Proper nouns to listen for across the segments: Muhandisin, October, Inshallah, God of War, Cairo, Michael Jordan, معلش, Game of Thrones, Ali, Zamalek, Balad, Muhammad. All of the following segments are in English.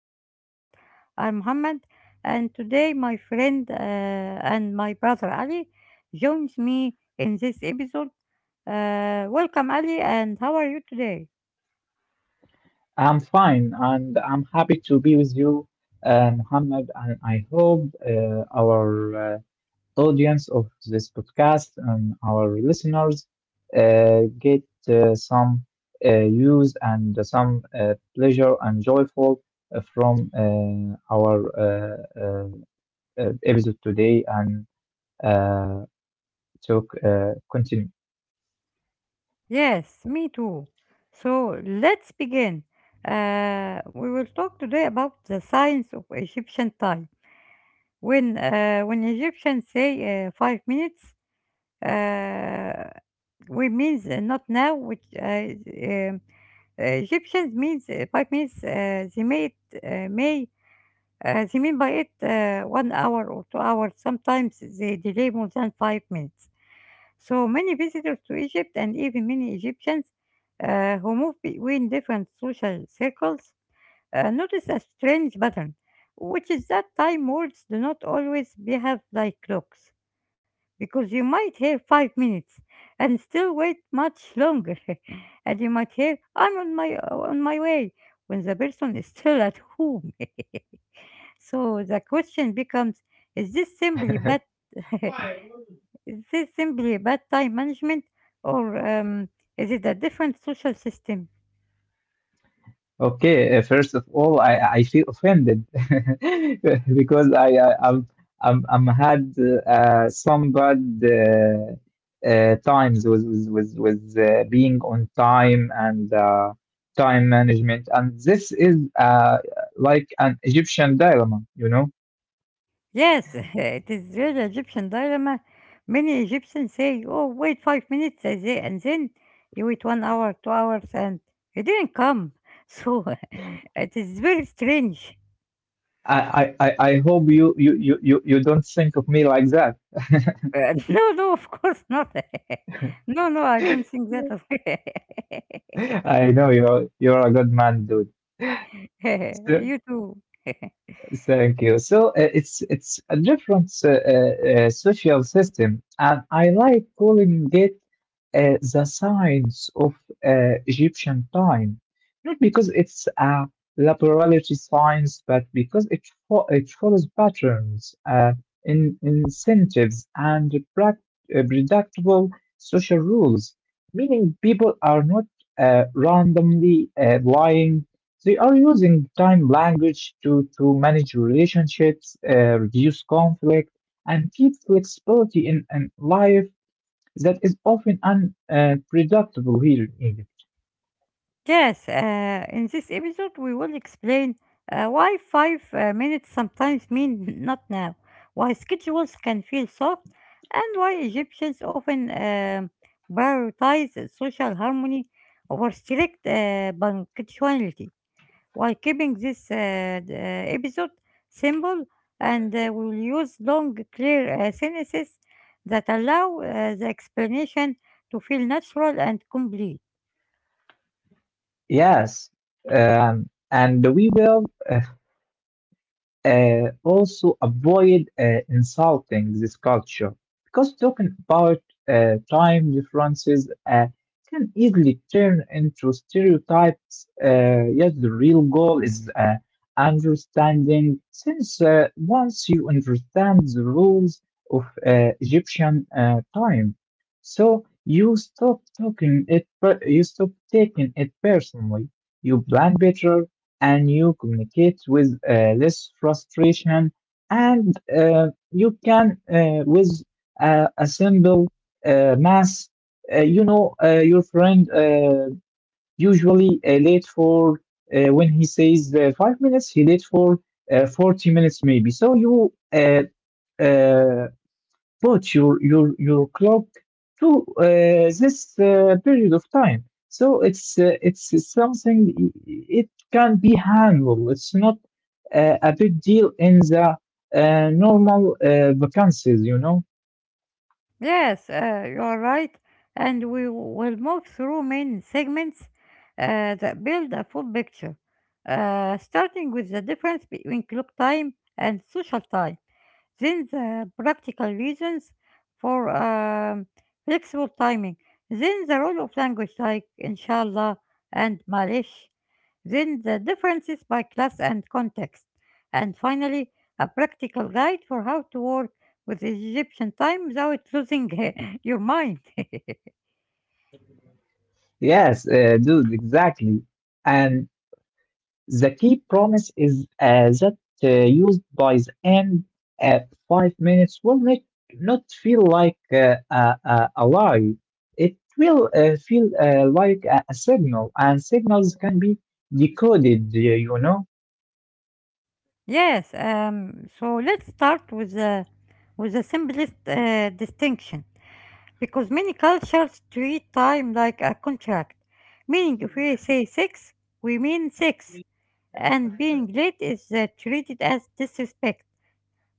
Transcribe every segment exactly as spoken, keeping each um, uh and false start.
new episode. I'm Muhammad, and today my friend uh, and my brother Ali joins me in this episode. Uh, welcome, Ali, and how are you today? I'm fine and I'm happy to be with you, uh, Muhammad. And I hope uh, our uh, audience of this podcast and our listeners uh, get uh, some uh, use and some uh, pleasure and joyful uh, from uh, our uh, uh, uh, episode today and uh, talk uh, continue. Yes, me too. So let's begin. Uh, we will talk today about the science of Egyptian time. When uh, when Egyptians say uh, five minutes, Uh, we means uh, not now, which uh, um, uh, Egyptians means uh, by means uh, they made uh, may uh, they mean by it uh, one hour or two hours. Sometimes they delay more than five minutes. So many visitors to Egypt and even many Egyptians uh, who move between different social circles uh, notice a strange pattern, which is that time words do not always behave like clocks, because you might hear five minutes and still wait much longer, and you might hear "I'm on my on my way" when the person is still at home. So the question becomes: Is this simply bad? Is this simply bad time management, or um, is it a different social system? Okay, uh, first of all, I, I feel offended because I, I I'm, I'm I'm had uh, some bad uh, uh, times with with with, with uh, being on time and uh, time management, and this is uh, like an Egyptian dilemma, you know. Yes, it is real Egyptian dilemma. Many Egyptians say, oh, wait five minutes, and the- and then you wait one hour, two hours, and it didn't come. So it is very strange. I, I, I I hope you, you, you, you you don't think of me like that. Uh, no, no, of course not. No, no, I don't think that. I know you're you're a good man, dude. So, You too. thank you. So uh, it's it's a different uh, uh, uh, social system, and I like calling it uh, the science of uh, Egyptian time, not because it's a laboratory science, but because it fo- it follows patterns, uh, in incentives, and prac- uh, predictable social rules, meaning people are not uh, randomly uh, lying. They are using time language to, to manage relationships, uh, reduce conflict, and keep flexibility in, in life that is often unpredictable here in Egypt. Yes, uh, in this episode, we will explain uh, why five uh, minutes sometimes mean not now, why schedules can feel soft, and why Egyptians often um prioritize social harmony over strict uh, punctuality. While keeping this uh, d- uh, episode simple, and uh, we will use long, clear uh, sentences that allow uh, the explanation to feel natural and complete. Yes, um, and we will uh, Uh, also, avoid uh, insulting this culture because talking about uh, time differences uh, can easily turn into stereotypes. Uh, yet, the real goal is uh, understanding, since uh, once you understand the rules of uh, Egyptian uh, time, so you stop talking it, per- you stop taking it personally. You plan better, and you communicate with uh, less frustration and uh, you can uh, with uh, a simple uh, mass, uh, you know uh, your friend uh, usually uh, late for uh, when he says uh, five minutes, he late for uh, forty minutes maybe, so you uh, uh, bought your your your clock to uh, this uh, period of time. So it's uh, it's something, it can be handled. It's not uh, a big deal in the uh, normal uh, vacancies, you know. Yes, uh, you are right, and we will move through main segments uh, that build a full picture, uh, starting with the difference between clock time and social time. Then the practical reasons for um, flexible timing. Then the role of language like inshallah and malish. Then the differences by class and context. And finally, a practical guide for how to work with Egyptian time without losing your mind. Yes, uh, dude, exactly. And the key promise is uh, that uh, used by the end at five minutes will not, not feel like uh, a, a, a lie. It will uh, feel uh, like a, a signal, and signals can be decoded, y- you know? Yes, um, so let's start with the, with the simplest uh, distinction. Because many cultures treat time like a contract, meaning if we say six, we mean six, and being late is uh, treated as disrespect.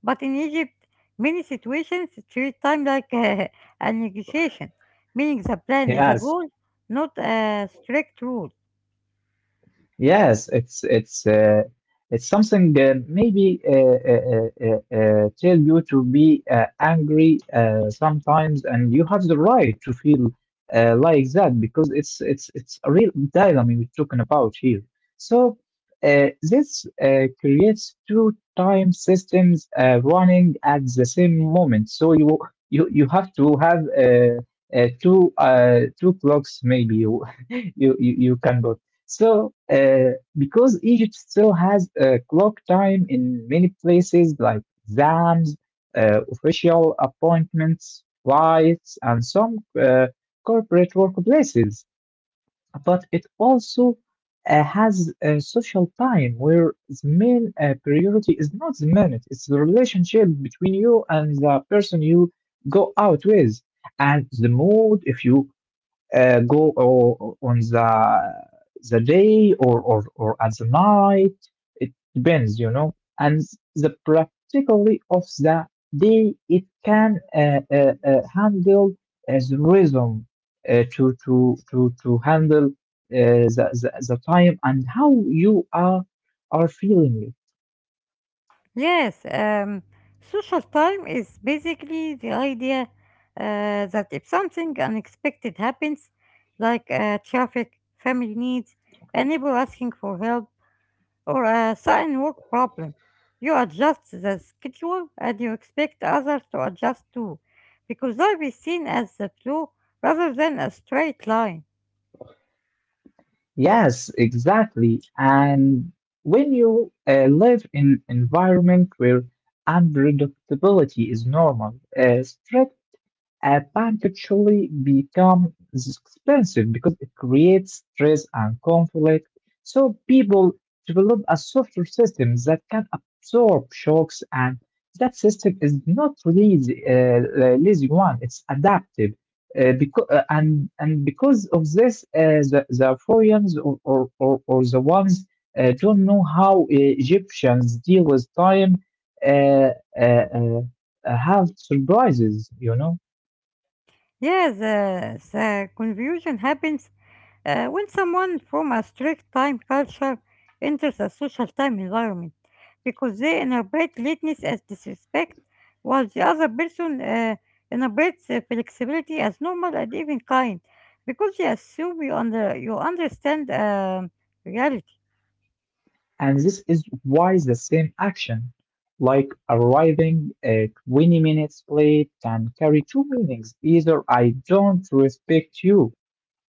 But in Egypt, many situations treat time like uh, a negotiation, meaning the plan is a Yes. goal, not a strict rule. Yes, it's it's uh, it's something uh, maybe uh, uh, uh, uh, uh, tell you to be uh, angry uh, sometimes, and you have the right to feel uh, like that because it's it's it's a real dilemma we're talking about here. So uh, this uh, creates two time systems uh, running at the same moment. So you you you have to have uh, uh, two uh, two clocks maybe you you you you so, uh, because Egypt still has a clock time in many places like exams, uh, official appointments, flights, and some uh, corporate workplaces, but it also uh, has a social time where the main uh, priority is not the minute, it's the relationship between you and the person you go out with. And the mood, if you uh, go o- on the the day, or, or or at the night, it depends, you know. And the practically of the day, it can uh, uh, uh, handle as rhythm uh, to to to to handle uh, the, the the time and how you are are feeling it. Yes, um, social time is basically the idea uh, that if something unexpected happens, like uh, traffic, family needs, a neighbor asking for help, or a sudden work problem, you adjust the schedule and you expect others to adjust too, because life is seen as a flow rather than a straight line. Yes, exactly. And when you uh, live in environment where unpredictability is normal, uh, a panic actually becomes expensive because it creates stress and conflict. So people develop a software system that can absorb shocks, and that system is not lazy, uh, uh, lazy one. It's adaptive. Uh, because uh, and and because of this, uh, the the Arthurians or, or, or, or the ones that don't know how uh, Egyptians deal with time uh, uh, uh, have surprises, you know. Yes, uh, the confusion happens Uh, when someone from a strict time culture enters a social time environment, because they interpret lateness as disrespect, while the other person uh, interprets uh, flexibility as normal and even kind, because they assume you, under, you understand um, reality. And this is why the same action, like arriving uh, twenty minutes late, can carry two meanings. Either I don't respect you,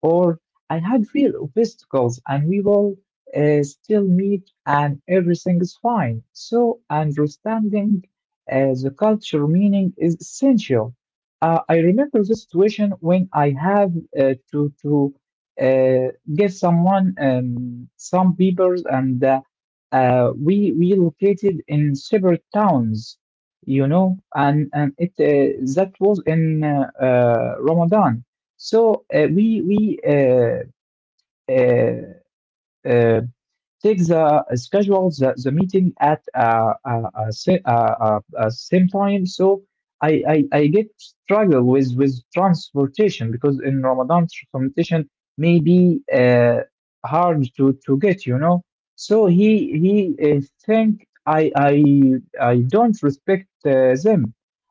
or I had real obstacles and we will uh, still meet and everything is fine. So understanding uh, the culture meaning is essential. Uh, I remember the situation when I have uh, to to uh, give someone um, some papers, and uh, uh, we we located in separate towns, you know. and and it uh, that was in uh, uh, Ramadan, so uh, we we uh, uh, uh, take the uh, schedule, the, the meeting at uh, uh, uh, sa- uh, uh, uh, same time. So I, I i get struggle with with transportation because in Ramadan, transportation may be uh, hard to to get, you know. So he he uh, think i i I don't respect uh, them,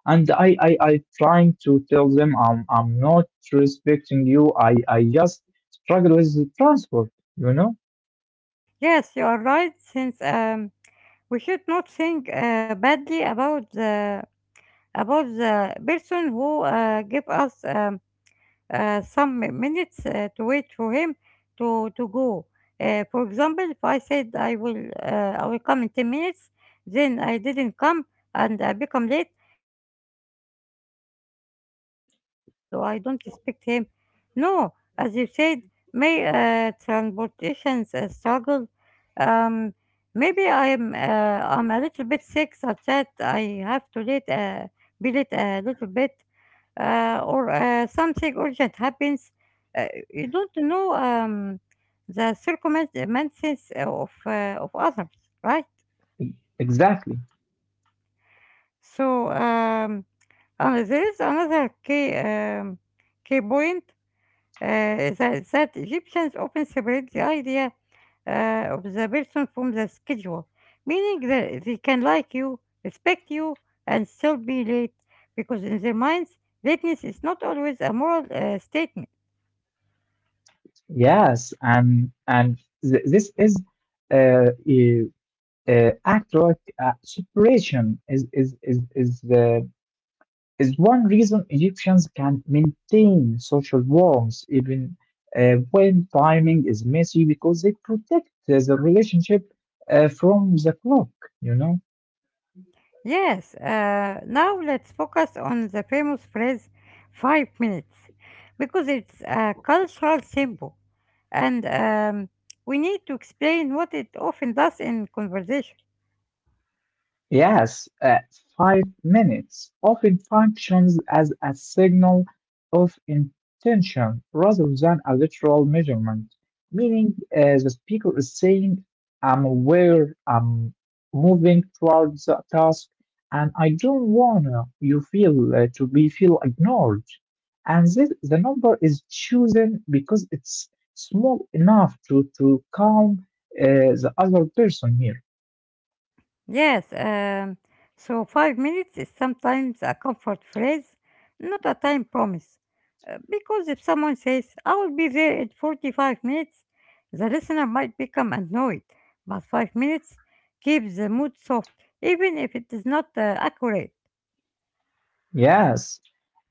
and I, I i trying to tell them i'm I'm not respecting you, i i just struggle with the transport, you know. Yes, you are right, since um, we should not think uh, badly about the, about the person who uh, give us. Um, uh, some minutes uh, to wait for him to to go. Uh, for example, if I said I will uh, I will come in ten minutes, then I didn't come and I become late. Uh, the other person shouldn't think that I I lied or I don't respect him. No, as you said, may uh, transportations uh, struggle. Um, Maybe I'm uh, I'm a little bit sick, such that I have to late uh, be late a little bit uh, or uh, something urgent happens. Uh, you don't know um, the circumstances of, uh, of others, right? Exactly. So um, uh, there is another key, um, key point uh, that, that Egyptians often separate the idea uh, of the person from the schedule, meaning that they can like you, respect you, and still be late, because in their minds, lateness is not always a moral uh, statement. Yes, and and th- this is uh, e- uh, actor uh, separation is is is is the is one reason Egyptians can maintain social bonds even uh, when timing is messy because they protect the relationship uh, from the clock. You know. Yes, uh, now let's focus on the famous phrase five minutes, because it's a cultural symbol and um, we need to explain what it often does in conversation. Yes, uh, five minutes often functions as a signal of intention rather than a literal measurement, meaning uh, the speaker is saying, I'm aware, I'm moving towards the task, and I don't want you feel uh, to be feel ignored. And this, the number is chosen because it's small enough to, to calm uh, the other person here. Yes, um, so five minutes is sometimes a comfort phrase, not a time promise. Uh, Because if someone says, I will be there in forty-five minutes, the listener might become annoyed, but five minutes keeps the mood soft, even if it is not uh, accurate. Yes,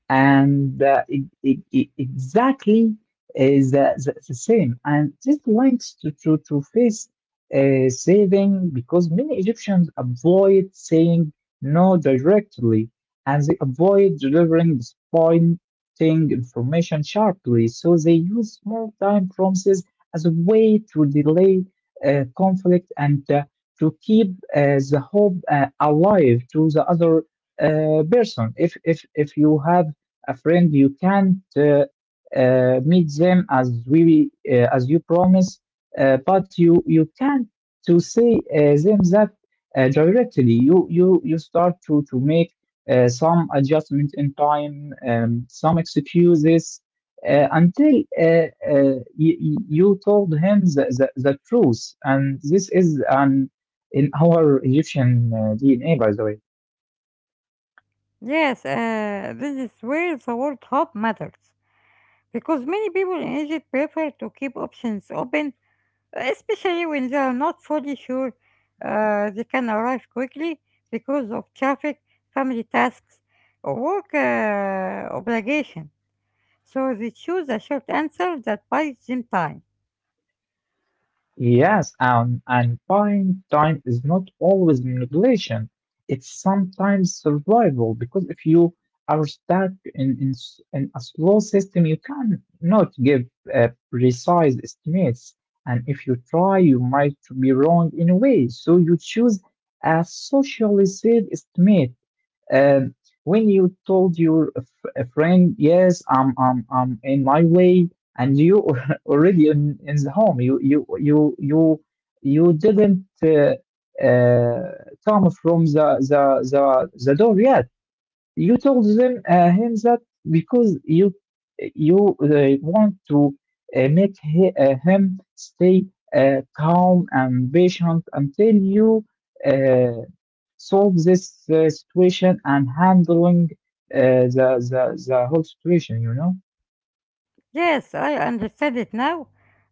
and uh, e- e- e- exactly is the, the, the same. And this links to, to, to face uh, saving, because many Egyptians avoid saying no directly, and they avoid delivering disappointing information sharply. So they use small time promises as a way to delay uh, conflict and uh, to keep uh, the hope uh, alive to the other uh, person. If, if, if you have a friend, you can't uh, uh, meet them as we uh, as you promise, uh, but you you can't to say uh, them that uh, directly. You you you start to to make uh, some adjustment in time, um, some excuses uh, until uh, uh, y- y- you told him the, the, the truth. And this is an in our Egyptian uh, D N A, by the way. Yes, uh, this is where the word hope matters, because many people in Egypt prefer to keep options open, especially when they are not fully sure uh, they can arrive quickly because of traffic, family tasks, or work uh, obligation. So they choose a short answer that buys them time. Yes, and, and buying time is not always manipulation. It's sometimes survival because if you are stuck in, in, s- in a slow system, you can not give uh, precise estimates. And if you try, you might be wrong anyway. So you choose a socially safe estimate, um, when you told your f- a friend, yes, I'm, I'm, I'm in my way, and you already in, in the home, you, you, you, you, you didn't uh, uh, come from the, the, the, the door yet. You told them uh, him that because you you uh, want to uh, make he, uh, him stay uh, calm and patient until you uh, solve this uh, situation and handling uh, the, the the whole situation. You know Yes, I understand it now.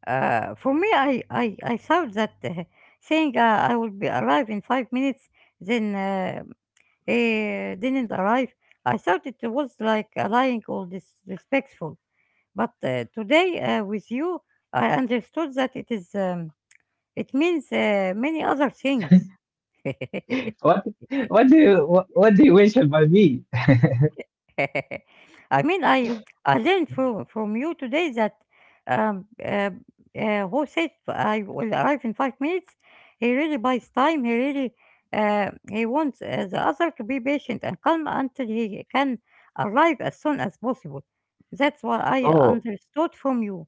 Uh, for me, I, I, I thought that uh, saying uh, I will be arrive in five minutes, then uh, he didn't arrive. I thought it was like lying or disrespectful. But uh, today uh, with you, I understood that it is um, it means uh, many other things. what what do you what, what do you wish about me? I mean, I I learned from from you today that um, uh, uh, who said I will arrive in five minutes. He really buys time. He really uh, he wants uh, the other to be patient and calm until he can arrive as soon as possible. That's what I Oh understood from you.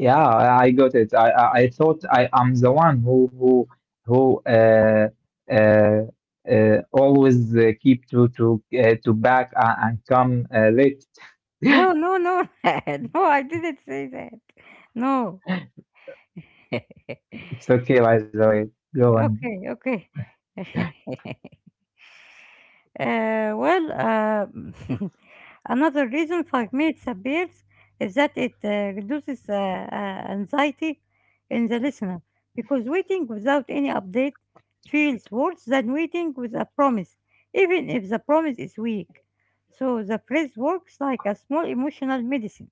yeah, I I got it. I I, I thought I am the one who who who uh, uh, uh, always uh, keep to to uh, to back uh, and come uh, late. No, no, no. Rad. No, I didn't say that. No. It's okay, by the way. Go on. Okay, okay. Uh, well, uh, another reason for minutes appears is that it uh, reduces uh, uh, anxiety in the listener, because waiting without any update feels worse than waiting with a promise, even if the promise is weak. So the phrase works like a small emotional medicine.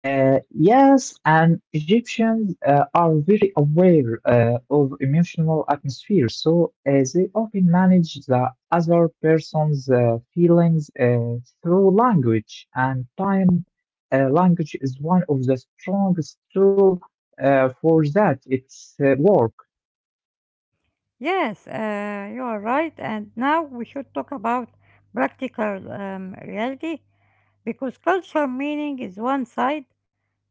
Uh, yes, and Egyptians uh, are very aware uh, of emotional atmosphere, so uh, they often manage the other person's uh, feelings uh, through language, and time uh, language is one of the strongest tool uh, for that. It's uh, war. Yes, uh, you are right. And now we should talk about practical um, reality, because culture meaning is one side,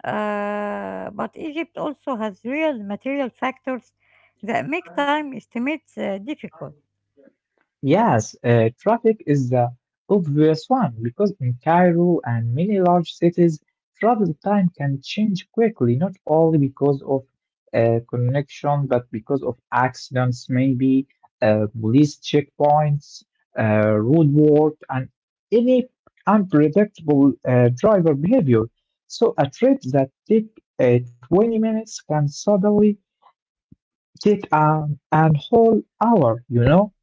uh, but Egypt also has real material factors that make time estimates uh, difficult. Yes, uh, traffic is the obvious one because in Cairo and many large cities, travel time can change quickly, not only because of uh, connection, but because of accidents, maybe uh, police checkpoints, uh, road work, and any unpredictable uh, driver behavior. So a trip that take uh, twenty minutes can suddenly take an, an whole hour, you know?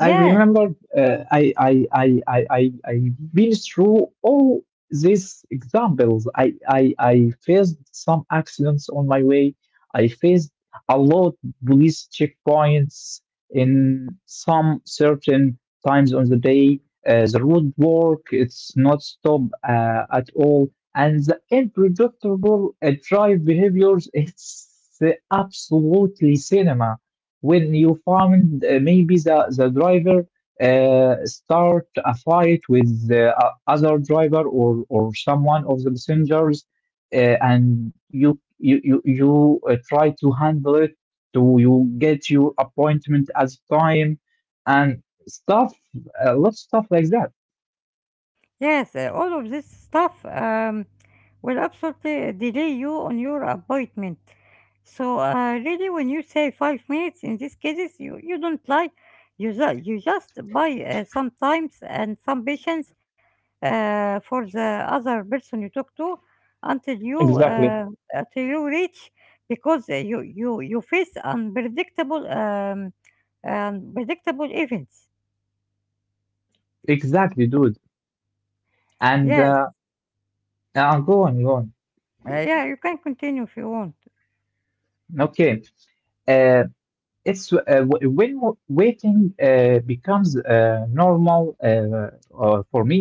I Yes. remember uh, I, I, I, I, I, I've been through all these examples. I, I, I faced some accidents on my way. I faced a lot police checkpoints in some certain times on the day. Uh, the road work, it's not stopped uh, at all. And the unpredictable uh, drive behaviors, it's uh, absolutely cinema, when you find uh, maybe the, the driver uh, start a fight with the uh, other driver, or, or someone of the passengers, uh, and you you you, you uh, try to handle it to you get your appointment as time, and stuff, a lot of stuff like that. Yes, uh, all of this stuff um, will absolutely delay you on your appointment. So uh, really, when you say five minutes, in these cases, you, you don't lie. You, ju- you just buy uh, some times and some patience uh, for the other person you talk to until you Exactly. uh, until you reach, because uh, you, you you face unpredictable um, unpredictable events. exactly dude and Yes, uh, uh Go on, go on. uh, yeah, you can continue if you want. Okay. Uh, it's uh, w- when w- waiting uh, becomes uh, normal uh, uh, for me,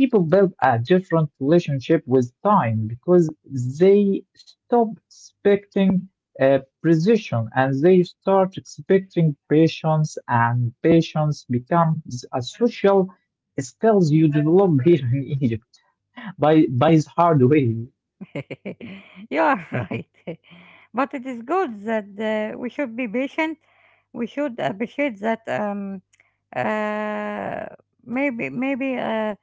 people build a different relationship with time because they stop expecting uh, precision, and they start expecting patience, and patience becomes a social skills you develop here in Egypt by by this hard way. You are right. But it is good that uh, we should be patient. We should appreciate that um, uh, maybe maybe uh,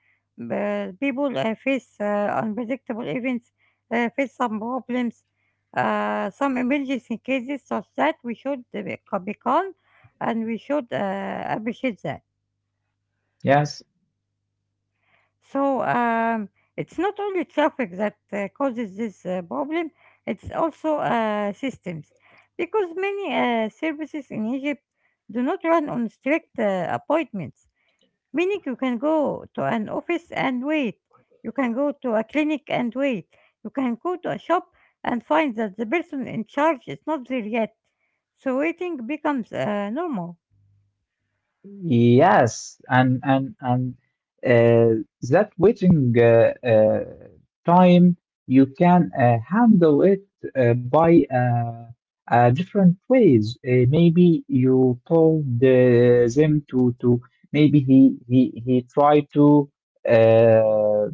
b- people uh, face uh, unpredictable events, uh, face some problems, uh, some emergency cases, such that we should uh, be ca- be calm and we should uh, appreciate that. yes So um, it's not only traffic that uh, causes this uh, problem, it's also uh, systems. Because many uh, services in Egypt do not run on strict uh, appointments, meaning you can go to an office and wait, you can go to a clinic and wait, you can go to a shop and find that the person in charge is not there yet. So waiting becomes uh, normal. Yes, and and and uh, that waiting uh, uh, time you can uh, handle it uh, by uh, uh, different ways. Uh, maybe you told uh, them to to maybe he he he tried to uh,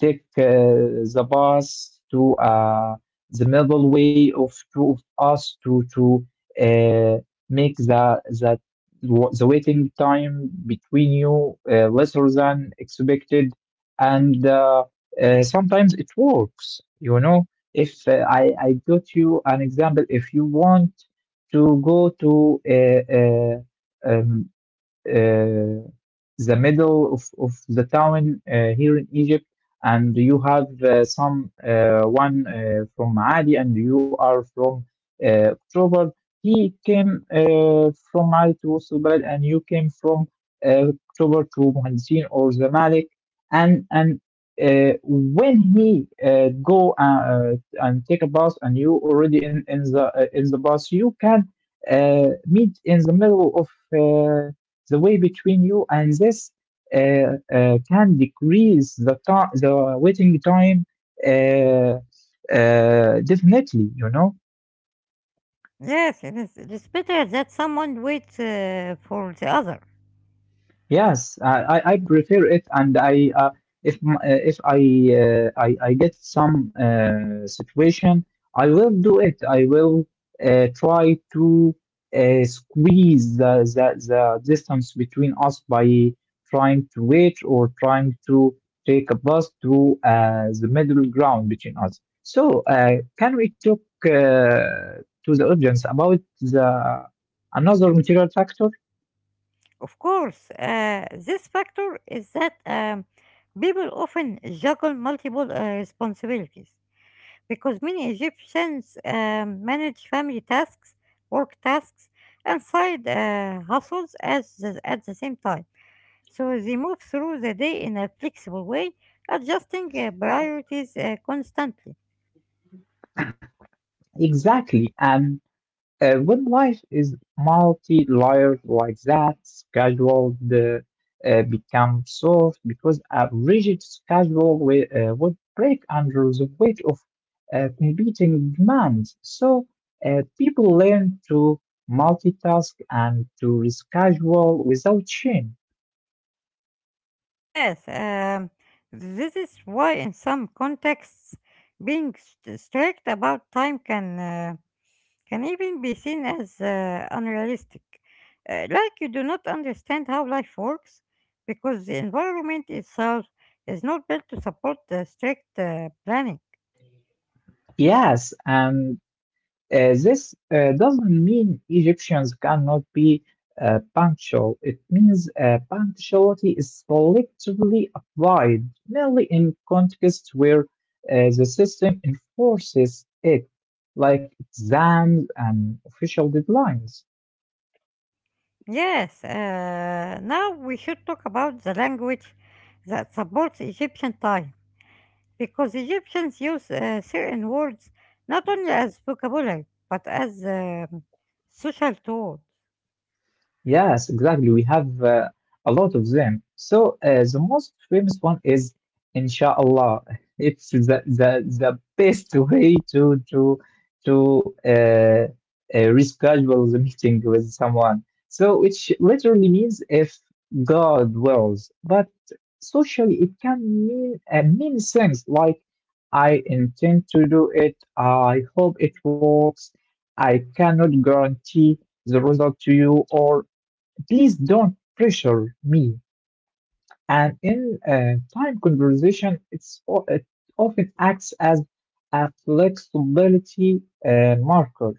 take uh, the bus to uh, the middle way of two of us to to uh, make the that the waiting time between you uh, lesser than expected, and uh, uh, sometimes it works you know if uh, I, I got you an example. If you want to go to a, uh, the middle of, of the town uh, here in Egypt, and you have uh, some uh, one uh, from Ali, and you are from uh, October. He came uh, from Ali to West Balad, and you came from uh, October to Muhandisin or Zamalek, and and. Uh, when he uh, go uh, uh, and take a bus, and you already in in the uh, in the bus, you can uh, meet in the middle of uh, the way between you, and this uh, uh, can decrease the time, the waiting time uh, uh, definitely. You know, Yes, it is. It's better that someone waits uh, for the other. Yes, I, I I prefer it, and I uh, if m- uh, if I, uh, I I get some uh, situation, I will do it. I will uh, try to uh, squeeze the, the, the distance between us by trying to wait or trying to take a bus to uh, the middle ground between us. So, uh, can we talk uh, to the audience about the another material factor? Of course, uh, this factor is that um, people often juggle multiple uh, responsibilities, because many Egyptians um, manage family tasks, work tasks, and side uh, hustles as the, at the same time. So they move through the day in a flexible way, adjusting uh, priorities uh, constantly. Exactly, and Uh, when life is multi-layered like that, schedule uh, uh, become soft because a rigid schedule wi- uh, would break under the weight of uh, competing demands. So, uh, people learn to multitask and to reschedule without shame. Yes, um, this is why in some contexts being st- strict about time can. Uh, can even be seen as uh, unrealistic, uh, like you do not understand how life works, because the environment itself is not built to support the strict uh, planning. Yes, and Uh, this uh, doesn't mean Egyptians cannot be uh, punctual. It means uh, punctuality is selectively applied, mainly in contexts where uh, the system enforces it, like exams and official deadlines. Yes, uh, now we should talk about the language that supports Egyptian time, because Egyptians use uh, certain words not only as vocabulary but as um social tool. Yes, exactly. We have uh, a lot of them. So, uh, the most famous one is Inshallah. It's the the the best way to to to uh, uh, reschedule the meeting with someone. So, which literally means if God wills, but socially it can mean uh, many things, like I intend to do it. I hope it works. I cannot guarantee the result to you. Or please don't pressure me. And in uh, time conversation, it's o- it often acts as a flexibility uh, marker.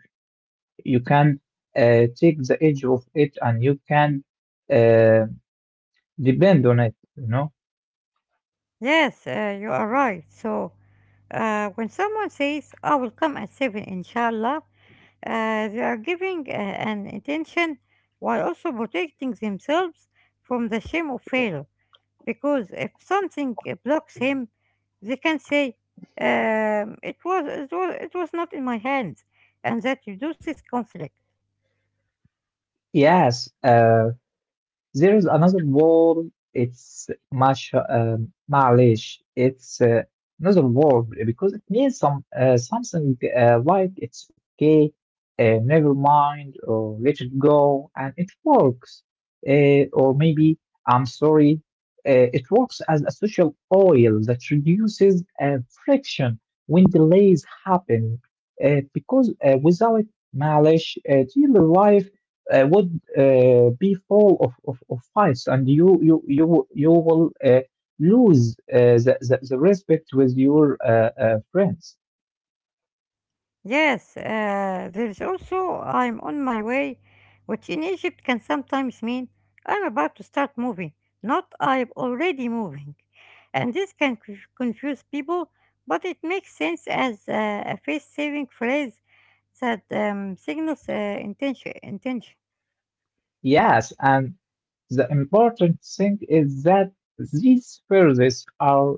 You can uh, take the edge of it, and you can uh, depend on it. You know. Yes, uh, you are right. So, uh, when someone says, I will come at seven, inshallah, uh, they are giving uh, an intention while also protecting themselves from the shame of failure. Because if something uh, blocks him, they can say, um, it, was, it, was, it was not in my hands, and that reduces conflict. Yes. Uh, There is another word. It's much um, معلش. It's uh, another word, because it means some uh, something uh, like it's okay, uh, never mind, or let it go, and it works. Uh, or maybe I'm sorry. Uh, it works as a social oil that reduces uh, friction when delays happen. Uh, because uh, without معلش, uh, daily life uh, would uh, be full of, of, of fights, and you you you, you will uh, lose uh, the, the, the respect with your uh, uh, friends. Yes, uh, there's also I'm on my way, which in Egypt can sometimes mean I'm about to start moving, not I'm already moving. And this can c- confuse people, but it makes sense as uh, a face saving phrase that um, signals uh, intention, intention. Yes, and the important thing is that these phrases are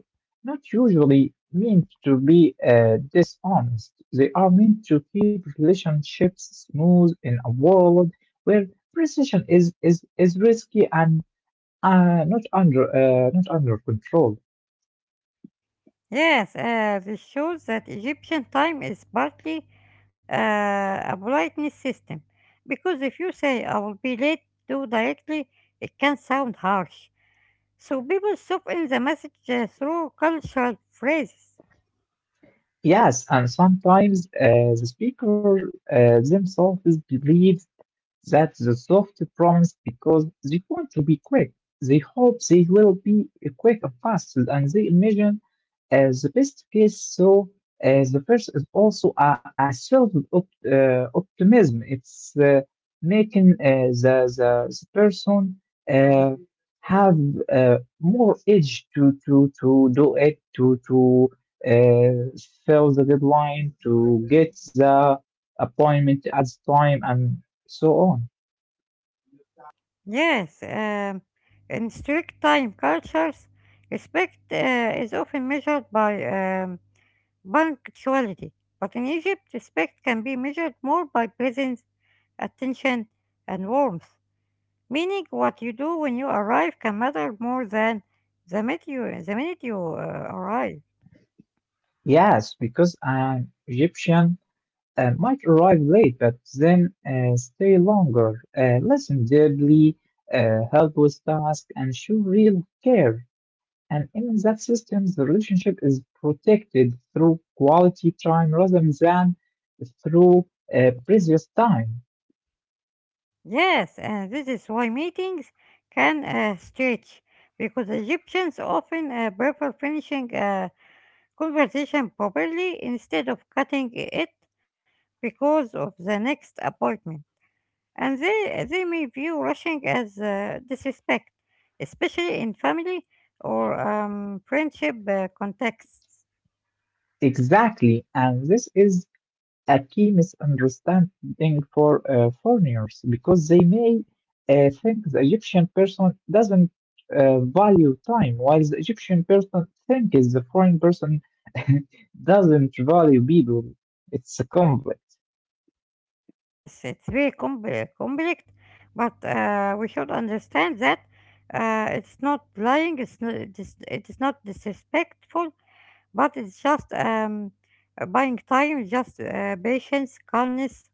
not usually meant to be uh, dishonest. They are meant to keep relationships smooth in a world where precision is is, is risky, and Uh, not under uh, not under control. Yes, uh, this shows that Egyptian time is partly uh, a politeness system, because if you say I will be late too directly, it can sound harsh. So people soak in the message uh, through cultural phrases. Yes, and sometimes uh, the speaker uh, themselves believes that's the soft promise, because they want to be quick. They hope they will be quick and fast, and they imagine as the best case. So, as the first is also a, a self op- uh, optimism. It's uh, making uh, the, the the person uh, have uh, more edge to to to do it to to uh, fill the deadline, to get the appointment at the time, and so on. Yes, um, in strict time cultures, respect uh, is often measured by um, punctuality. But in Egypt, respect can be measured more by presence, attention, and warmth. Meaning, what you do when you arrive can matter more than the minute you, the minute you uh, arrive. Yes, because an Egyptian uh, might arrive late, but then uh, stay longer, uh, listen deeply, uh, help with tasks, and show real care. And in that system, the relationship is protected through quality time rather than through uh, previous time. Yes, and this is why meetings can uh, stretch because Egyptians often uh, prefer finishing a conversation properly instead of cutting it because of the next appointment. And they, they may view rushing as uh, disrespect, especially in family or um, friendship uh, contexts. Exactly, and this is a key misunderstanding for uh, foreigners, because they may uh, think the Egyptian person doesn't uh, value time, while the Egyptian person thinks the foreign person doesn't value people. It's a conflict. Yes, it's very compli complex, but uh, we should understand that uh, it's not lying, it's not, it is, it is not disrespectful, but it's just um, uh, buying time, just uh, patience, calmness,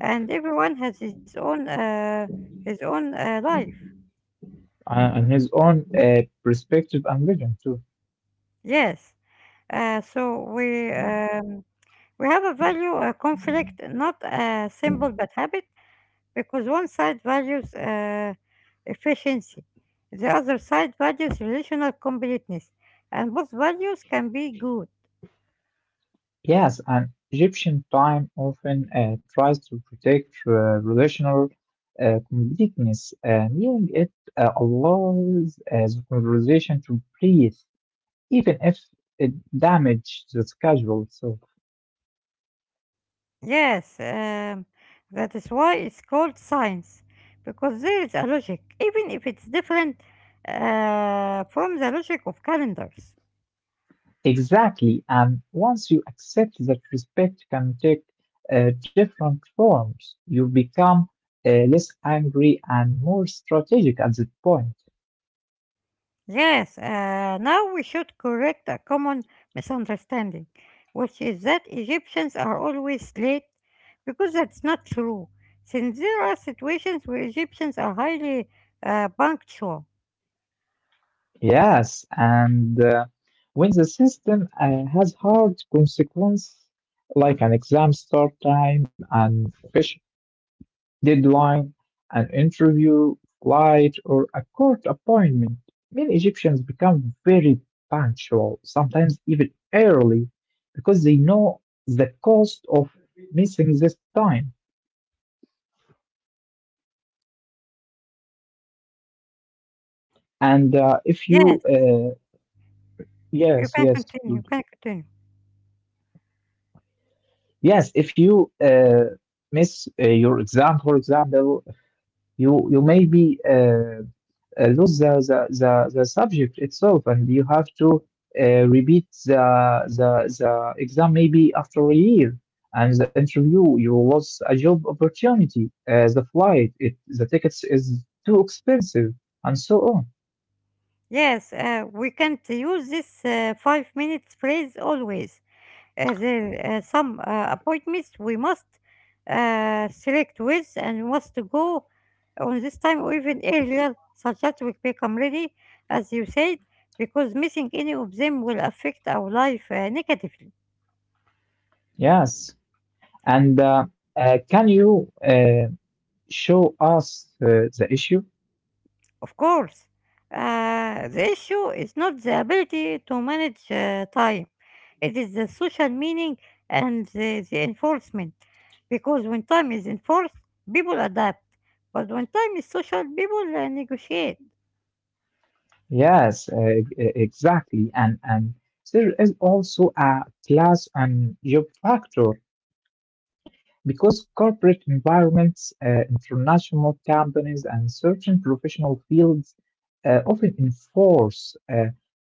and everyone has his own uh, his own uh, life. Uh, and his own uh, perspective and vision too. Yes. Uh, so we um, we have a value uh, conflict, not a symbol but habit, because one side values uh, efficiency, the other side values relational completeness, and both values can be good. Yes, and Egyptian time often uh, tries to protect uh, relational uh, completeness, uh, meaning it uh, allows uh, the conversation to breathe, even if it damages the schedule. So, Yes, um, that is why it's called science, because there is a logic, even if it's different uh, from the logic of calendars. exactly, and once you accept that respect can take uh, different forms, you become uh, less angry and more strategic at that point. Yes, uh, now we should correct a common misunderstanding, which is that Egyptians are always late, because that's not true, since there are situations where Egyptians are highly uh, punctual. Yes, and uh, when the system uh, has hard consequence, like an exam start time and fish deadline, an interview, flight, or a court appointment. Many Egyptians become very punctual, sometimes even early, because they know the cost of missing this time. And uh, if you, Yes, uh, you yes, can yes, continue, you dude. can continue. Yes, if you uh, miss uh, your exam, for example, You you maybe uh, uh, lose the, the, the, the subject itself, and you have to uh, repeat the, the, the exam maybe after a year. And the interview, you lost a job opportunity. Uh, the flight, it, the tickets is too expensive, and so on. Yes, uh, we can't use this uh, five minutes phrase always, uh, there, uh, some uh, appointments we must uh, select with, and we must go on this time or even earlier such that we become ready as you said, because missing any of them will affect our life uh, negatively. Yes. And uh, uh, can you uh, show us uh, the issue? Of course, uh, the issue is not the ability to manage uh, time, it is the social meaning and the, the enforcement. Because when time is enforced, people adapt, but when time is social, people uh, negotiate. Yes, uh, e- exactly. And and there is also a class and job factor, because corporate environments, uh, international companies, and certain professional fields uh, often enforce uh,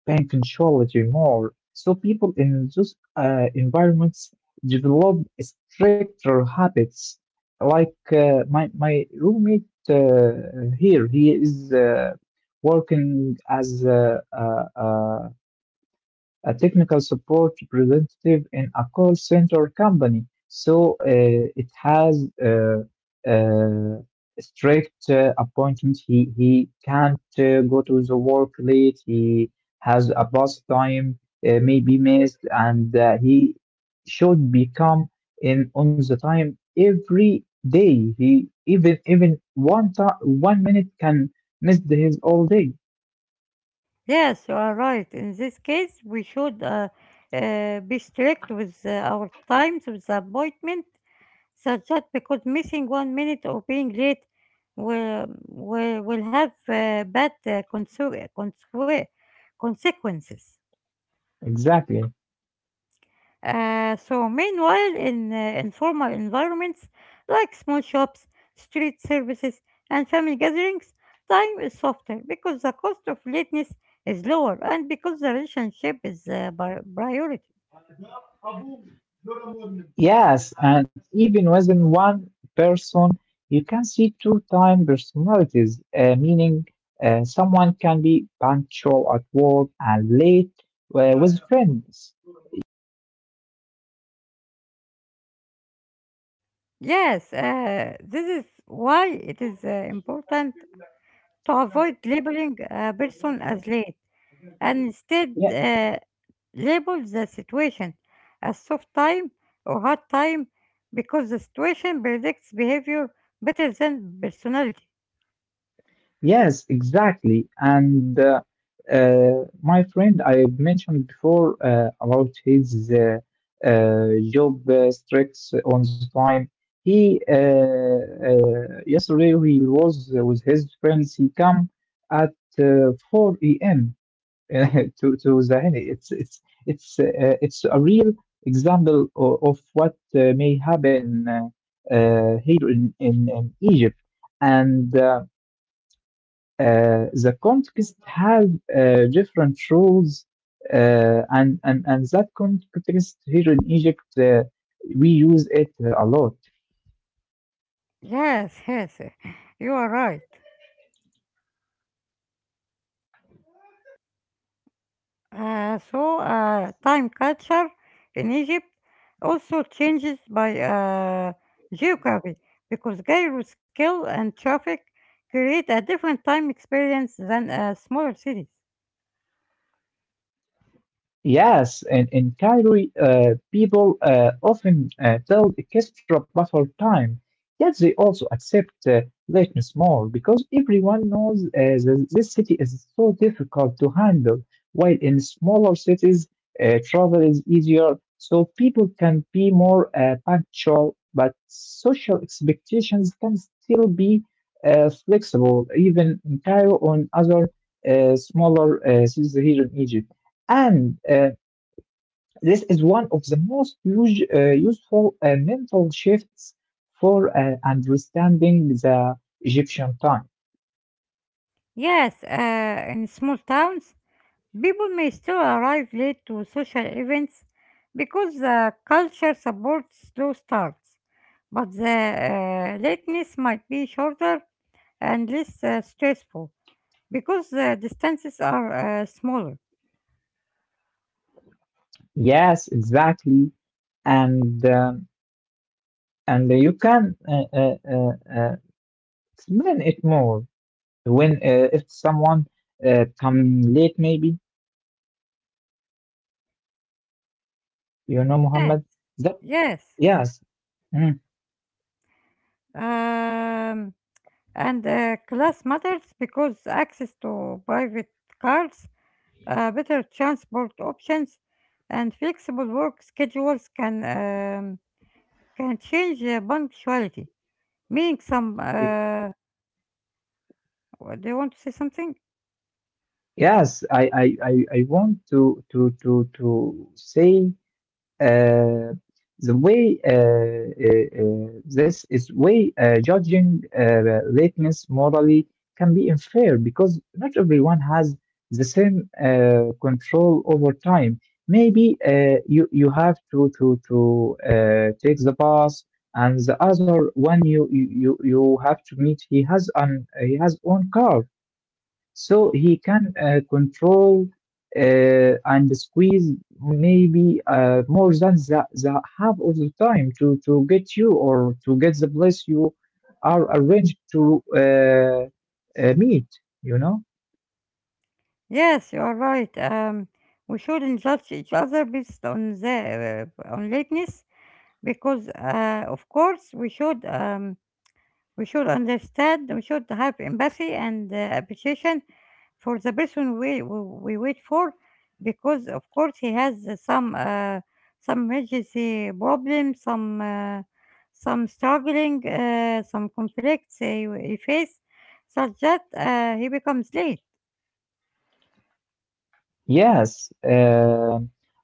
can control it more. So people in those uh, environments develop stricter habits. Like, uh, my my roommate uh, here, he is uh, working as a, a, a a technical support representative in a call center company. So uh, it has uh, uh, strict uh, appointment. He he can't uh, go to the work late. He has a bus time uh, may be missed, and uh, he should become in on the time every day. He even even one time one minute can miss his all day. Yes, you are right. In this case, we should uh, uh, be strict with uh, our times, with the appointment, such that because missing one minute or being late will, will, will have uh, bad uh, conse- consequ- consequences. Exactly. Uh, so meanwhile, in uh, informal environments like small shops, street services, and family gatherings, time is softer because the cost of lateness is lower and because the relationship is uh, bar- priority. Yes, and even within one person, you can see two time personalities, uh, meaning uh, someone can be punctual at work and late uh, with friends. Yes, uh, this is why it is uh, important to avoid labeling a person as late, and instead Yeah. uh, label the situation as soft time or hard time, because the situation predicts behavior better than personality. Yes, exactly. And uh, uh, my friend I mentioned before uh, about his uh, uh, job uh, strikes on the time. He, uh, uh, yesterday, he was with his friends. He come at uh, four a m to to the It's it's it's uh, it's a real example of, of what uh, may happen uh, uh, here in in, in Egypt and. Uh, uh, the context have uh, different rules, uh, and, and and that context here in Egypt, uh, we use it a lot. Yes, yes, eh, you are right. Uh, so, uh, time culture in Egypt also changes by uh, geography, because Cairo scale and traffic create a different time experience than uh, smaller cities. Yes, and in Cairo, uh, people uh, often uh, tell extra buffer time, yet they also accept uh, lateness more, because everyone knows uh, that this city is so difficult to handle, while in smaller cities, uh, travel is easier, so people can be more uh, punctual, but social expectations can still be uh, flexible, even in Cairo or in other uh, smaller uh, cities here in Egypt. And uh, this is one of the most use, uh, useful uh, mental shifts for uh, understanding the Egyptian time. Yes, uh, in small towns, people may still arrive late to social events because the culture supports slow starts, but the uh, lateness might be shorter and less uh, stressful because the distances are uh, smaller. Yes, exactly. And um, and you can uh, uh, uh, uh, explain it more when, uh, if someone uh, come late, maybe you know, Yes, Muhammad. That. yes. Yes. Mhm. Um, and uh, class matters because access to private cars, uh, better transport options, and flexible work schedules can um, can change uh, punctuality. Make some. Uh, what- do you want to say something? Yes, I, I, I, I want to to to to say uh, the way, uh, uh, uh, this is way uh, judging uh, lateness morally can be unfair, because not everyone has the same uh, control over time. Maybe uh, you you have to to to uh, take the bus, and the other one you you you you have to meet. He has an he has own car, so he can uh, control uh, and squeeze maybe uh, more than the, the half of the time to, to get you, or to get the place you are arranged to uh, uh, meet, you know? Yes, you are right. Um, we shouldn't judge each other based on the uh, on lateness because, uh, of course, we should. Um, We should understand, we should have empathy and uh, appreciation for the person we, we, we wait for, because, of course, he has uh, some uh, some emergency problems, some uh, some struggling, uh, some conflicts he, he face, such that uh, he becomes late. Yes, uh,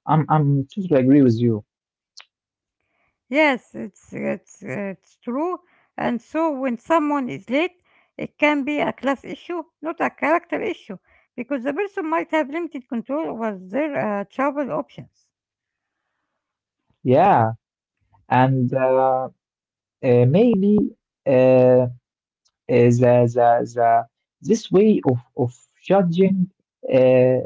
I'm, I'm totally agree with you. Yes, it's it's it's true. And so when someone is late, it can be a class issue, not a character issue, because the person might have limited control over their uh, travel options. Yeah, and uh, uh, maybe. Uh, uh, the, the, the This way of, of judging uh,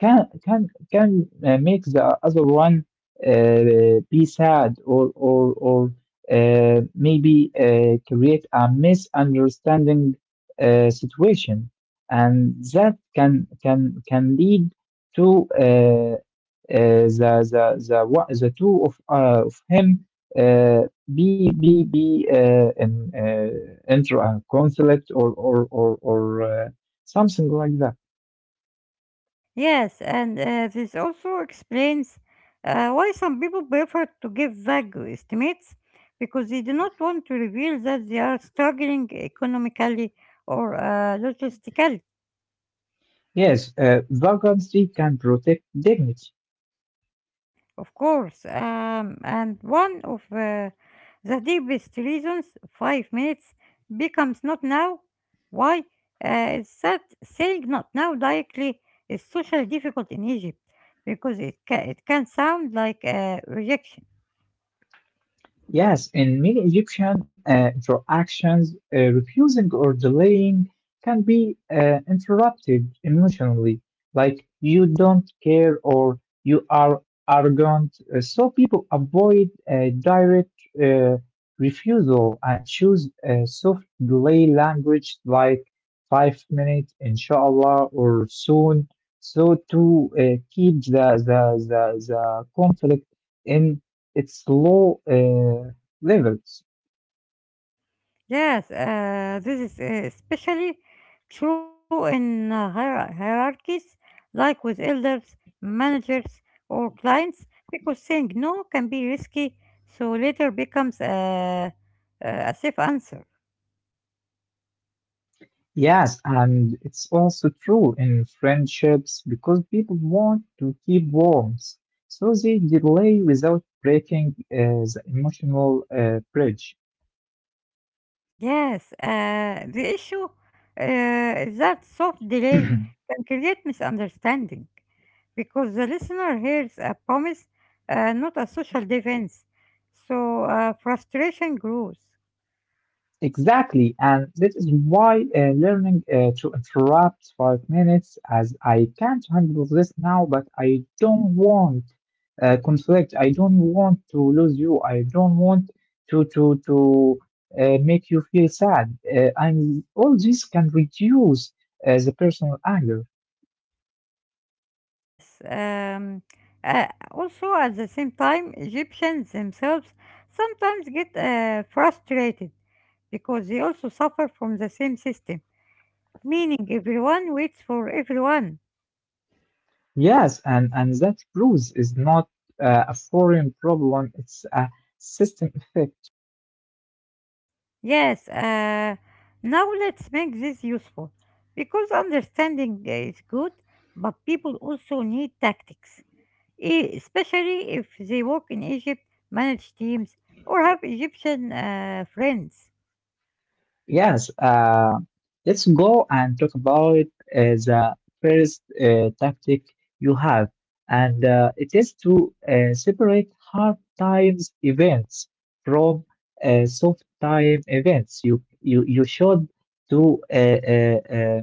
can can can uh, make the other one uh, be sad, or or or uh, maybe uh, create a misunderstanding uh, situation, and that can can can lead to uh, uh, the the the, one, the two of uh, of him. Uh, be be be uh, an uh, Enter a conflict, or or or or uh, something like that. Yes, and uh, this also explains uh, why some people prefer to give vague estimates because they do not want to reveal that they are struggling economically or uh, logistically. Yes, uh, vagrancy can protect dignity. Of course, um, and one of uh, the deepest reasons five minutes becomes not now. Why? Uh, it's that saying not now directly is socially difficult in Egypt because it, ca- it can sound like uh, rejection. Yes, in many Egyptian uh, interactions, uh, refusing or delaying can be uh, interrupted emotionally, like you don't care or you are arrogant. Uh, so people avoid uh, direct uh, refusal and choose uh, soft delay language like five minutes, inshallah, or soon, so to uh, keep the, the, the, the conflict in it's low uh, levels. Yes, uh, this is uh, especially true in uh, hier- hierarchies like with elders, managers, or clients, because saying no can be risky, so later becomes a, a safe answer. Yes, and it's also true in friendships because people want to keep warmth, so they delay without breaking uh, the emotional uh, bridge. Yes, uh, the issue uh, is that soft delay can create misunderstanding because the listener hears a promise, uh, not a social defense, so uh, frustration grows. Exactly, and this is why uh, learning uh, to interrupt five minutes as I can't handle this now, but I don't want uh, conflict. I don't want to lose you. I don't want to to to uh, make you feel sad. Uh, and all this can reduce uh, the personal anger. Yes. Um, uh, also, at the same time, Egyptians themselves sometimes get uh, frustrated because they also suffer from the same system, meaning everyone waits for everyone. Yes, and and that bruise is not uh, a foreign problem. It's a system effect. Yes. Uh, now let's make this useful, because understanding is good, but people also need tactics, e- especially if they work in Egypt, manage teams, or have Egyptian uh, friends. Yes, uh, let's go and talk about uh, the first uh, tactic you have, and uh, it is to uh, separate hard times events from uh, soft time events. You you you should do uh, uh, uh,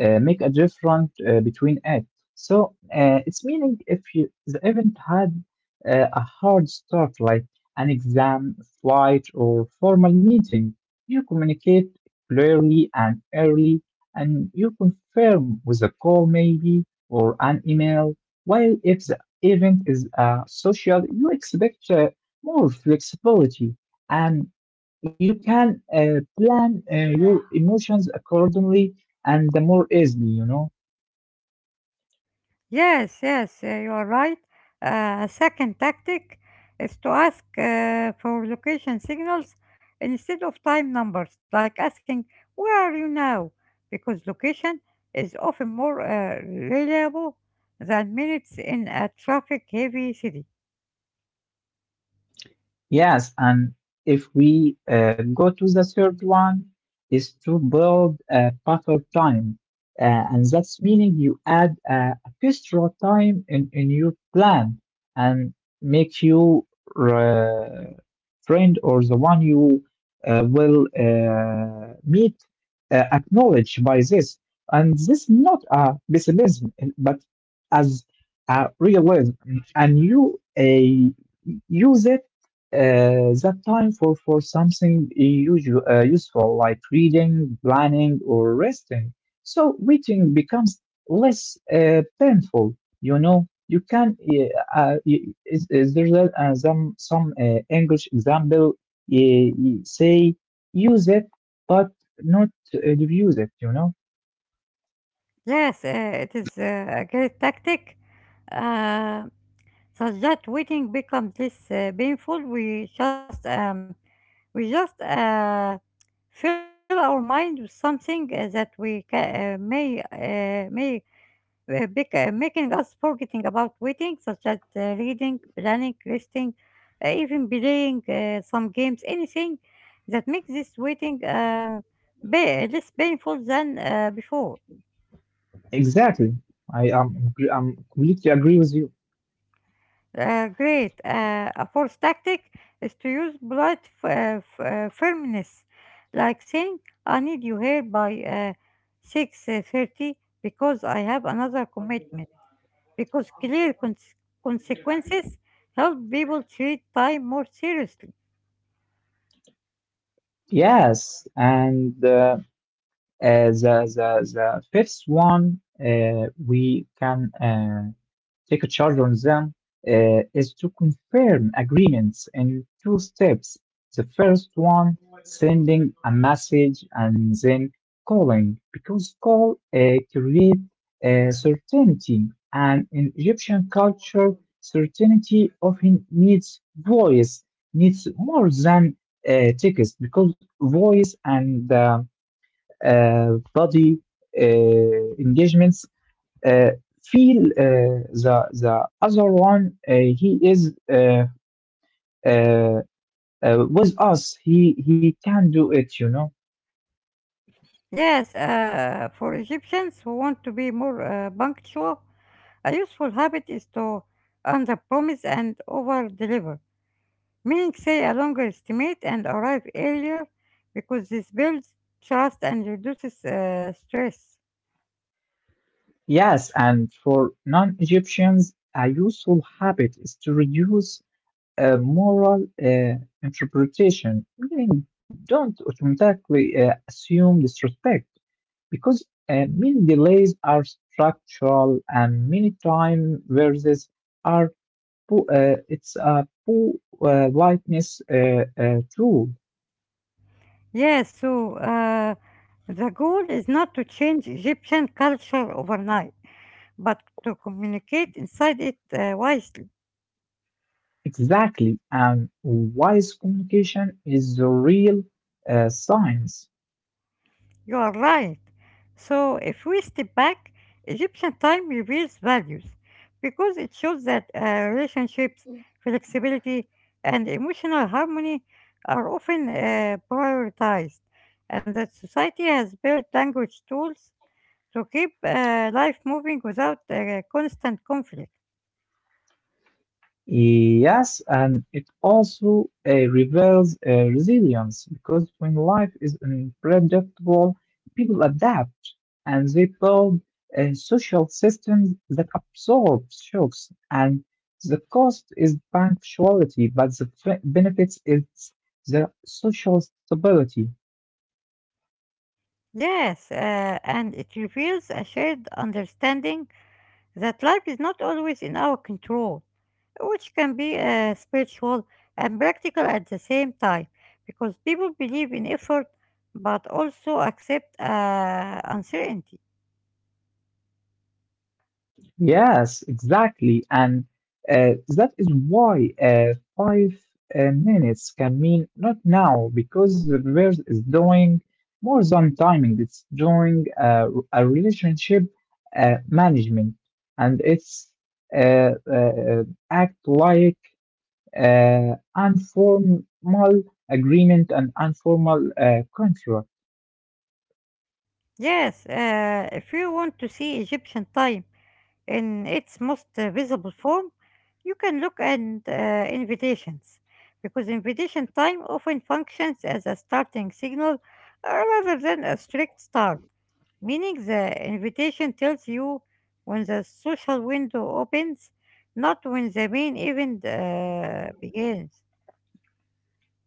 uh, make a difference uh, between it. So uh, it's meaning if you the event had uh, a hard start, like an exam, flight, or formal meeting, you communicate clearly and early, and you confirm with a call maybe or an email. While if the event is uh, social, you expect uh, more flexibility and you can uh, plan uh, your emotions accordingly and the more easily, you know. Yes, yes, uh, you are right. Uh, a second tactic is to ask uh, for location signals instead of time numbers, like asking, where are you now? Because location is often more uh, reliable than minutes in a traffic heavy city. Yes, and if we uh, go to the third one, is to build a buffer time, uh, and that's meaning you add uh, extra time in in your plan and make you uh, friend or the one you uh, will uh, meet uh, acknowledged by this. And this not a pessimism, but as a realism. And you uh, use it uh, that time for, for something usual, uh, useful, like reading, planning, or resting. So reading becomes less uh, painful you know you can eh, uh, y- is, is there that, uh, some some uh, english example eh, y- say use it but not uh, abuse it you know Yes, uh, it is uh, a great tactic. Uh, such that waiting becomes less uh, painful. We just um, we just uh, fill our mind with something uh, that we ca- uh, may uh, may uh, bec- uh, making us forgetting about waiting, such as uh, reading, planning, resting, uh, even playing uh, some games, anything that makes this waiting um, ba- less painful than uh, before. exactly i am gr- i'm completely agree with you. Uh, great. Uh, a fourth tactic is to use polite f- uh, f- uh, firmness, like saying, "I need you here by uh, six uh, thirty, because I have another commitment." Because clear cons- consequences help people treat time more seriously. Yes, and uh, uh, the, the the fifth one uh, we can uh, take a charge on them uh, is to confirm agreements in two steps. The first one, sending a message and then calling, because call uh, creates uh, certainty, and in Egyptian culture, certainty often needs voice, needs more than uh, text, because voice and uh, uh, body uh, engagements uh, feel uh, the the other one uh, he is uh, uh, uh, with us he he can do it you know Yes, uh, for Egyptians who want to be more uh, punctual, a useful habit is to underpromise and overdeliver, meaning say a longer estimate and arrive earlier because this builds trust and reduces uh, stress. Yes, and for non-Egyptians, a useful habit is to reduce uh, moral uh, interpretation, meaning don't automatically uh, assume disrespect. Because uh, many delays are structural and many time versus are po- uh, it's a poor uh, lightness uh, uh, tool. Yes, so uh, the goal is not to change Egyptian culture overnight, but to communicate inside it uh, wisely. Exactly, and wise communication is the real uh, science. You are right. So, if we step back, Egyptian time reveals values, because it shows that uh, relationships, flexibility, and emotional harmony are often uh, prioritized, and that society has built language tools to keep uh, life moving without uh, constant conflict. Yes, and it also uh, reveals uh, resilience because when life is unpredictable, people adapt and they build uh, social systems that absorb shocks. And the cost is punctuality, but the f- benefits is the social stability. Yes, uh, and it reveals a shared understanding that life is not always in our control, which can be uh, spiritual and practical at the same time, because people believe in effort but also accept uh, uncertainty. Yes, exactly. And uh, that is why uh, five uh, minutes can mean not now, because the verse is doing more than timing. It's doing uh, a relationship uh, management, and it's uh, uh, uh, act like uh, informal agreement and informal uh, contract. Yes, uh, if you want to see Egyptian time in its most uh, visible form, you can look at uh, invitations, because invitation time often functions as a starting signal uh, rather than a strict start, meaning the invitation tells you when the social window opens, not when the main event uh, begins.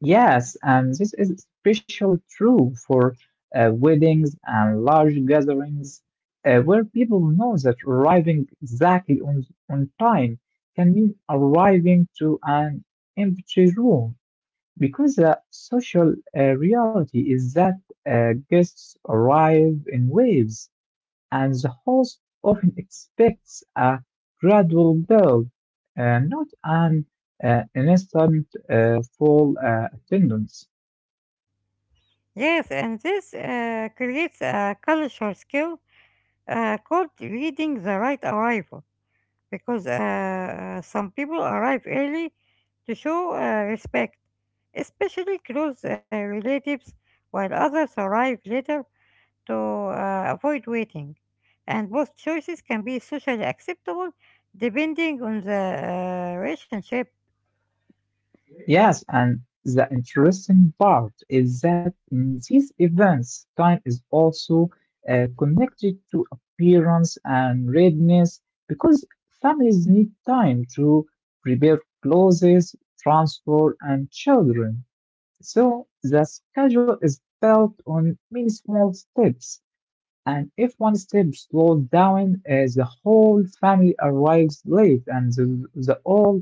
Yes, and this is especially true for uh, weddings and large gatherings uh, where people know that arriving exactly on, on time can mean arriving to an empty room because the social uh, reality is that uh, guests arrive in waves and the host often expects a gradual build, uh, not an uh, instant uh, full uh, attendance. Yes, and this uh, creates a cultural skill uh, called reading the right arrival, because uh, uh, some people arrive early to show uh, respect, especially close uh, relatives, while others arrive later to uh, avoid waiting. And both choices can be socially acceptable depending on the uh, relationship. Yes, and the interesting part is that in these events, time is also uh, connected to appearance and readiness because families need time to prepare clothes, transport, and children. So the schedule is built on many small steps, and if one step slows down, uh, the whole family arrives late and the, the whole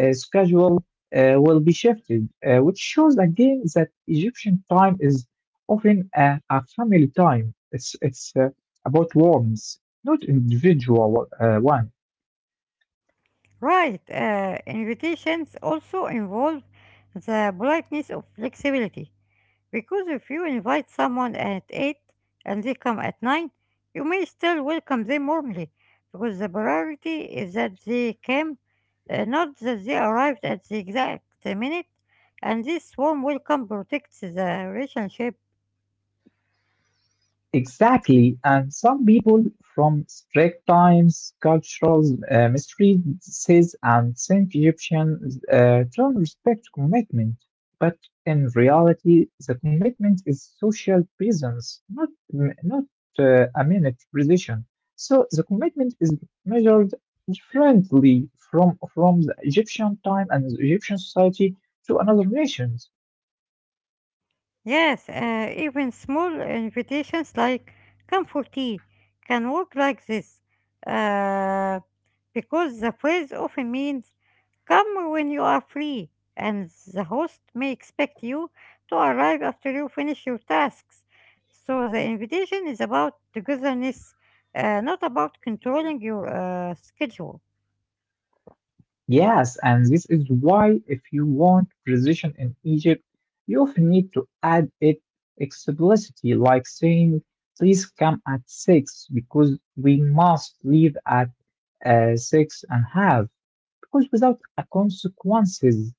uh, schedule uh, will be shifted, uh, which shows again that Egyptian time is often a, a family time. It's, it's uh, about warmth, not individual uh, one. Right, uh, invitations also involve the politeness of flexibility, because if you invite someone at eight and they come at nine, you may still welcome them warmly, because the priority is that they came, uh, not that they arrived at the exact minute, and this warm welcome protects the relationship. Exactly, and some people from strict times, cultural uh, mistreatments, and Saint Egyptian uh, don't respect commitment. But in reality, the commitment is social presence, not not uh, a minute precision. So the commitment is measured differently from from the Egyptian time and the Egyptian society to another nation. Yes, uh, even small invitations like come for tea can work like this, uh, because the phrase often means come when you are free, and the host may expect you to arrive after you finish your tasks. So the invitation is about togetherness, uh, not about controlling your uh, schedule. Yes, and this is why if you want precision in Egypt, you often need to add it explicitly, like saying, please come at six, because we must leave at uh, six and half, because without a consequences,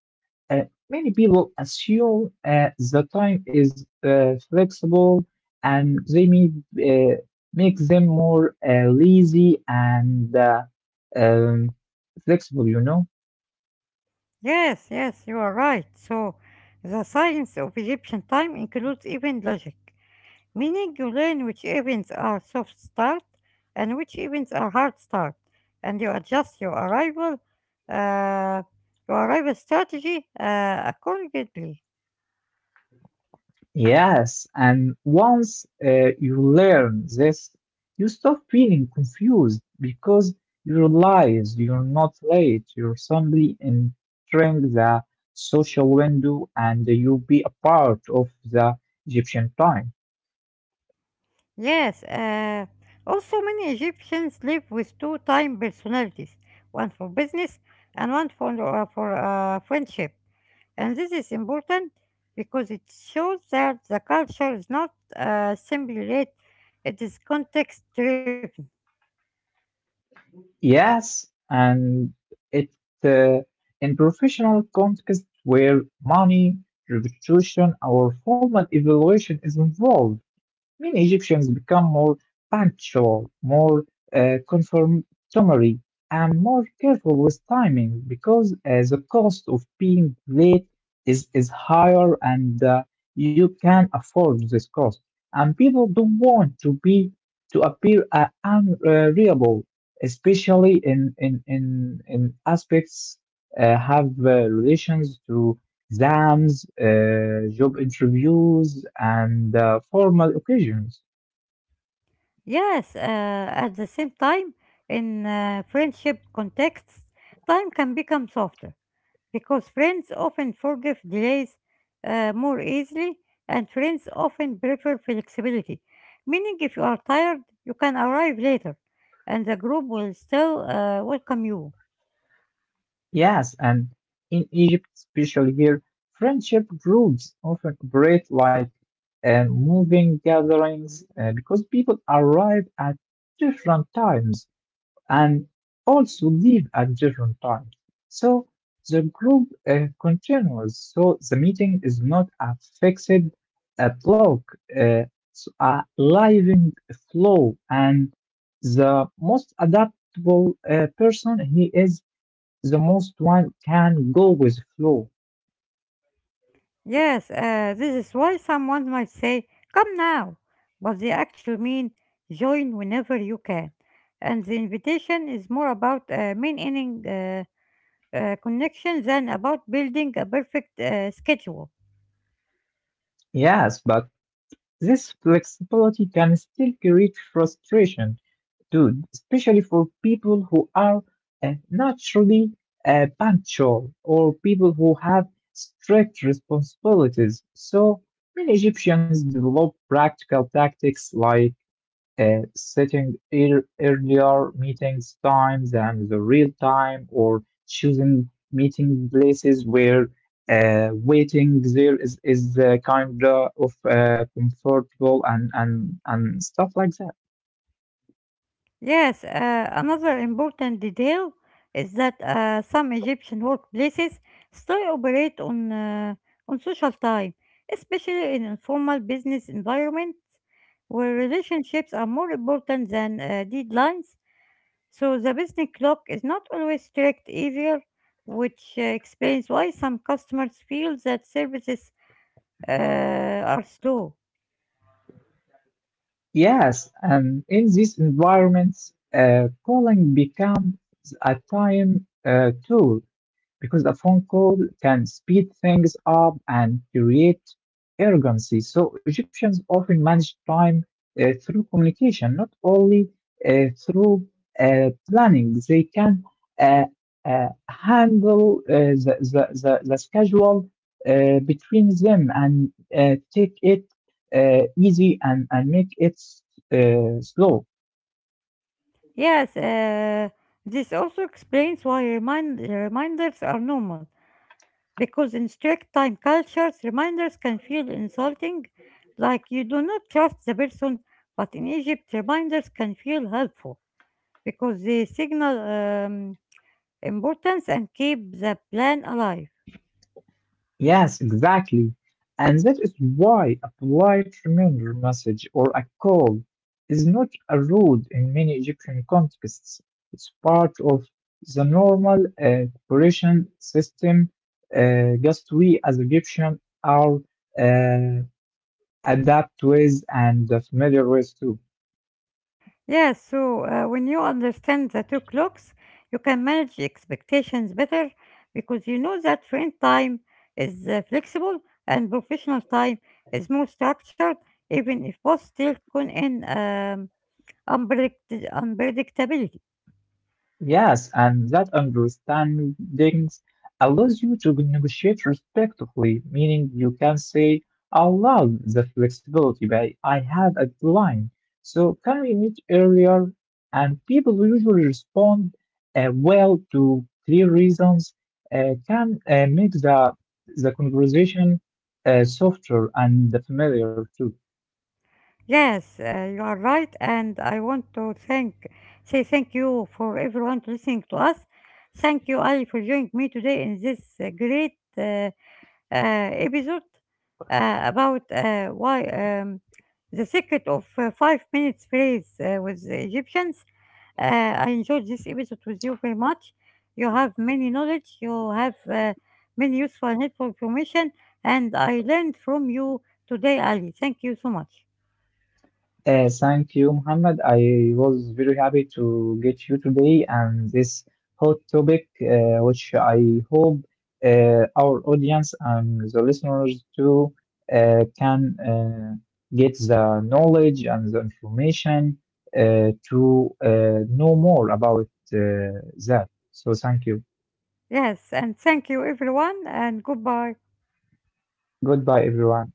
uh, many people assume uh, the time is uh, flexible and they may uh, make them more uh, lazy and uh, um, flexible, you know? Yes, yes, you are right. So the science of Egyptian time includes even logic, meaning you learn which events are soft start and which events are hard start, and you adjust your arrival, uh, your arrival strategy uh, accordingly. Yes, and once uh, you learn this, you stop feeling confused because you realize you're not late, you're simply entering the social window and you be a part of the Egyptian time. Yes. Uh, also, many Egyptians live with two time personalities, one for business and one for uh, for uh, friendship, and this is important because it shows that the culture is not uh, simply rate; it is context driven. Yes, and it uh, in professional context where money, reputation, or formal evaluation is involved. Many Egyptians become more punctual, more uh, conformatory, and more careful with timing because uh, the cost of being late is, is higher and uh, you can afford this cost. And people don't want to be to appear uh, unreliable, especially in in in, in aspects uh, have uh, relations to exams, uh, job interviews, and uh, formal occasions. Yes, uh, at the same time, in uh, friendship contexts, time can become softer because friends often forgive delays uh, more easily, and friends often prefer flexibility. Meaning, if you are tired, you can arrive later, and the group will still uh, welcome you. Yes, and in Egypt, especially here, friendship groups often operate like uh, moving gatherings uh, because people arrive at different times. And also leave at different times. So the group uh, continues. So the meeting is not a fixed uh, block, uh, it's a living flow, and the most adaptable uh, person he is, the most one can go with flow. Yes, uh, this is why someone might say, come now, but they actually mean join whenever you can. And the invitation is more about uh, maintaining uh, uh, connection than about building a perfect uh, schedule. Yes, but this flexibility can still create frustration dude, especially for people who are uh, naturally uh, punctual or people who have strict responsibilities. So many Egyptians develop practical tactics like uh, setting ear- earlier meetings times than the real time, or choosing meeting places where uh, waiting there is, is the kind of uh, comfortable and, and, and stuff like that. Yes, uh, another important detail is that uh, some Egyptian workplaces still operate on uh, on social time, especially in informal business environments where relationships are more important than uh, deadlines. So the business clock is not always strict either, which uh, explains why some customers feel that services uh, are slow. Yes, and in these environments, uh, polling becomes a time uh, tool. Because the phone call can speed things up and create urgency. So Egyptians often manage time uh, through communication, not only uh, through uh, planning. They can uh, uh, handle uh, the, the, the, the schedule uh, between them and uh, take it uh, easy and, and make it s- uh, slow. Yes, uh, this also explains why remind- reminders are normal, because in strict time cultures, reminders can feel insulting, like you do not trust the person, but in Egypt, reminders can feel helpful because they signal um, importance and keep the plan alive. Yes, exactly. And that is why a polite reminder message or a call is not a rude in many Egyptian contexts. It's part of the normal uh, cooperation system, uh, just we as Egyptians are uh, adapt with and familiar with too. Yes, so uh, when you understand the two clocks, you can manage expectations better, because you know that train time is uh, flexible and professional time is more structured, even if both still con in um, unpredict- unpredictability. Yes, and that understanding allows you to negotiate respectfully, meaning you can say allow the flexibility, but I have a deadline. So can we meet earlier? And people usually respond uh, well to clear reasons, uh, can uh, make the, the conversation uh, softer and familiar too. Yes, uh, you are right, and I want to thank say thank you for everyone to listening to us. Thank you, Ali, for joining me today in this uh, great uh, uh, episode uh, about uh, why um, the secret of uh, five minutes phrase uh, with the Egyptians. Uh, I enjoyed this episode with you very much. You have many knowledge, you have uh, many useful and helpful information, and I learned from you today, Ali. Thank you so much. Uh, thank you, Muhammad. I was very happy to get you today and this hot topic, uh, which I hope uh, our audience and the listeners too uh, can uh, get the knowledge and the information uh, to uh, know more about uh, that. So, thank you. Yes, and thank you, everyone, and goodbye. Goodbye, everyone.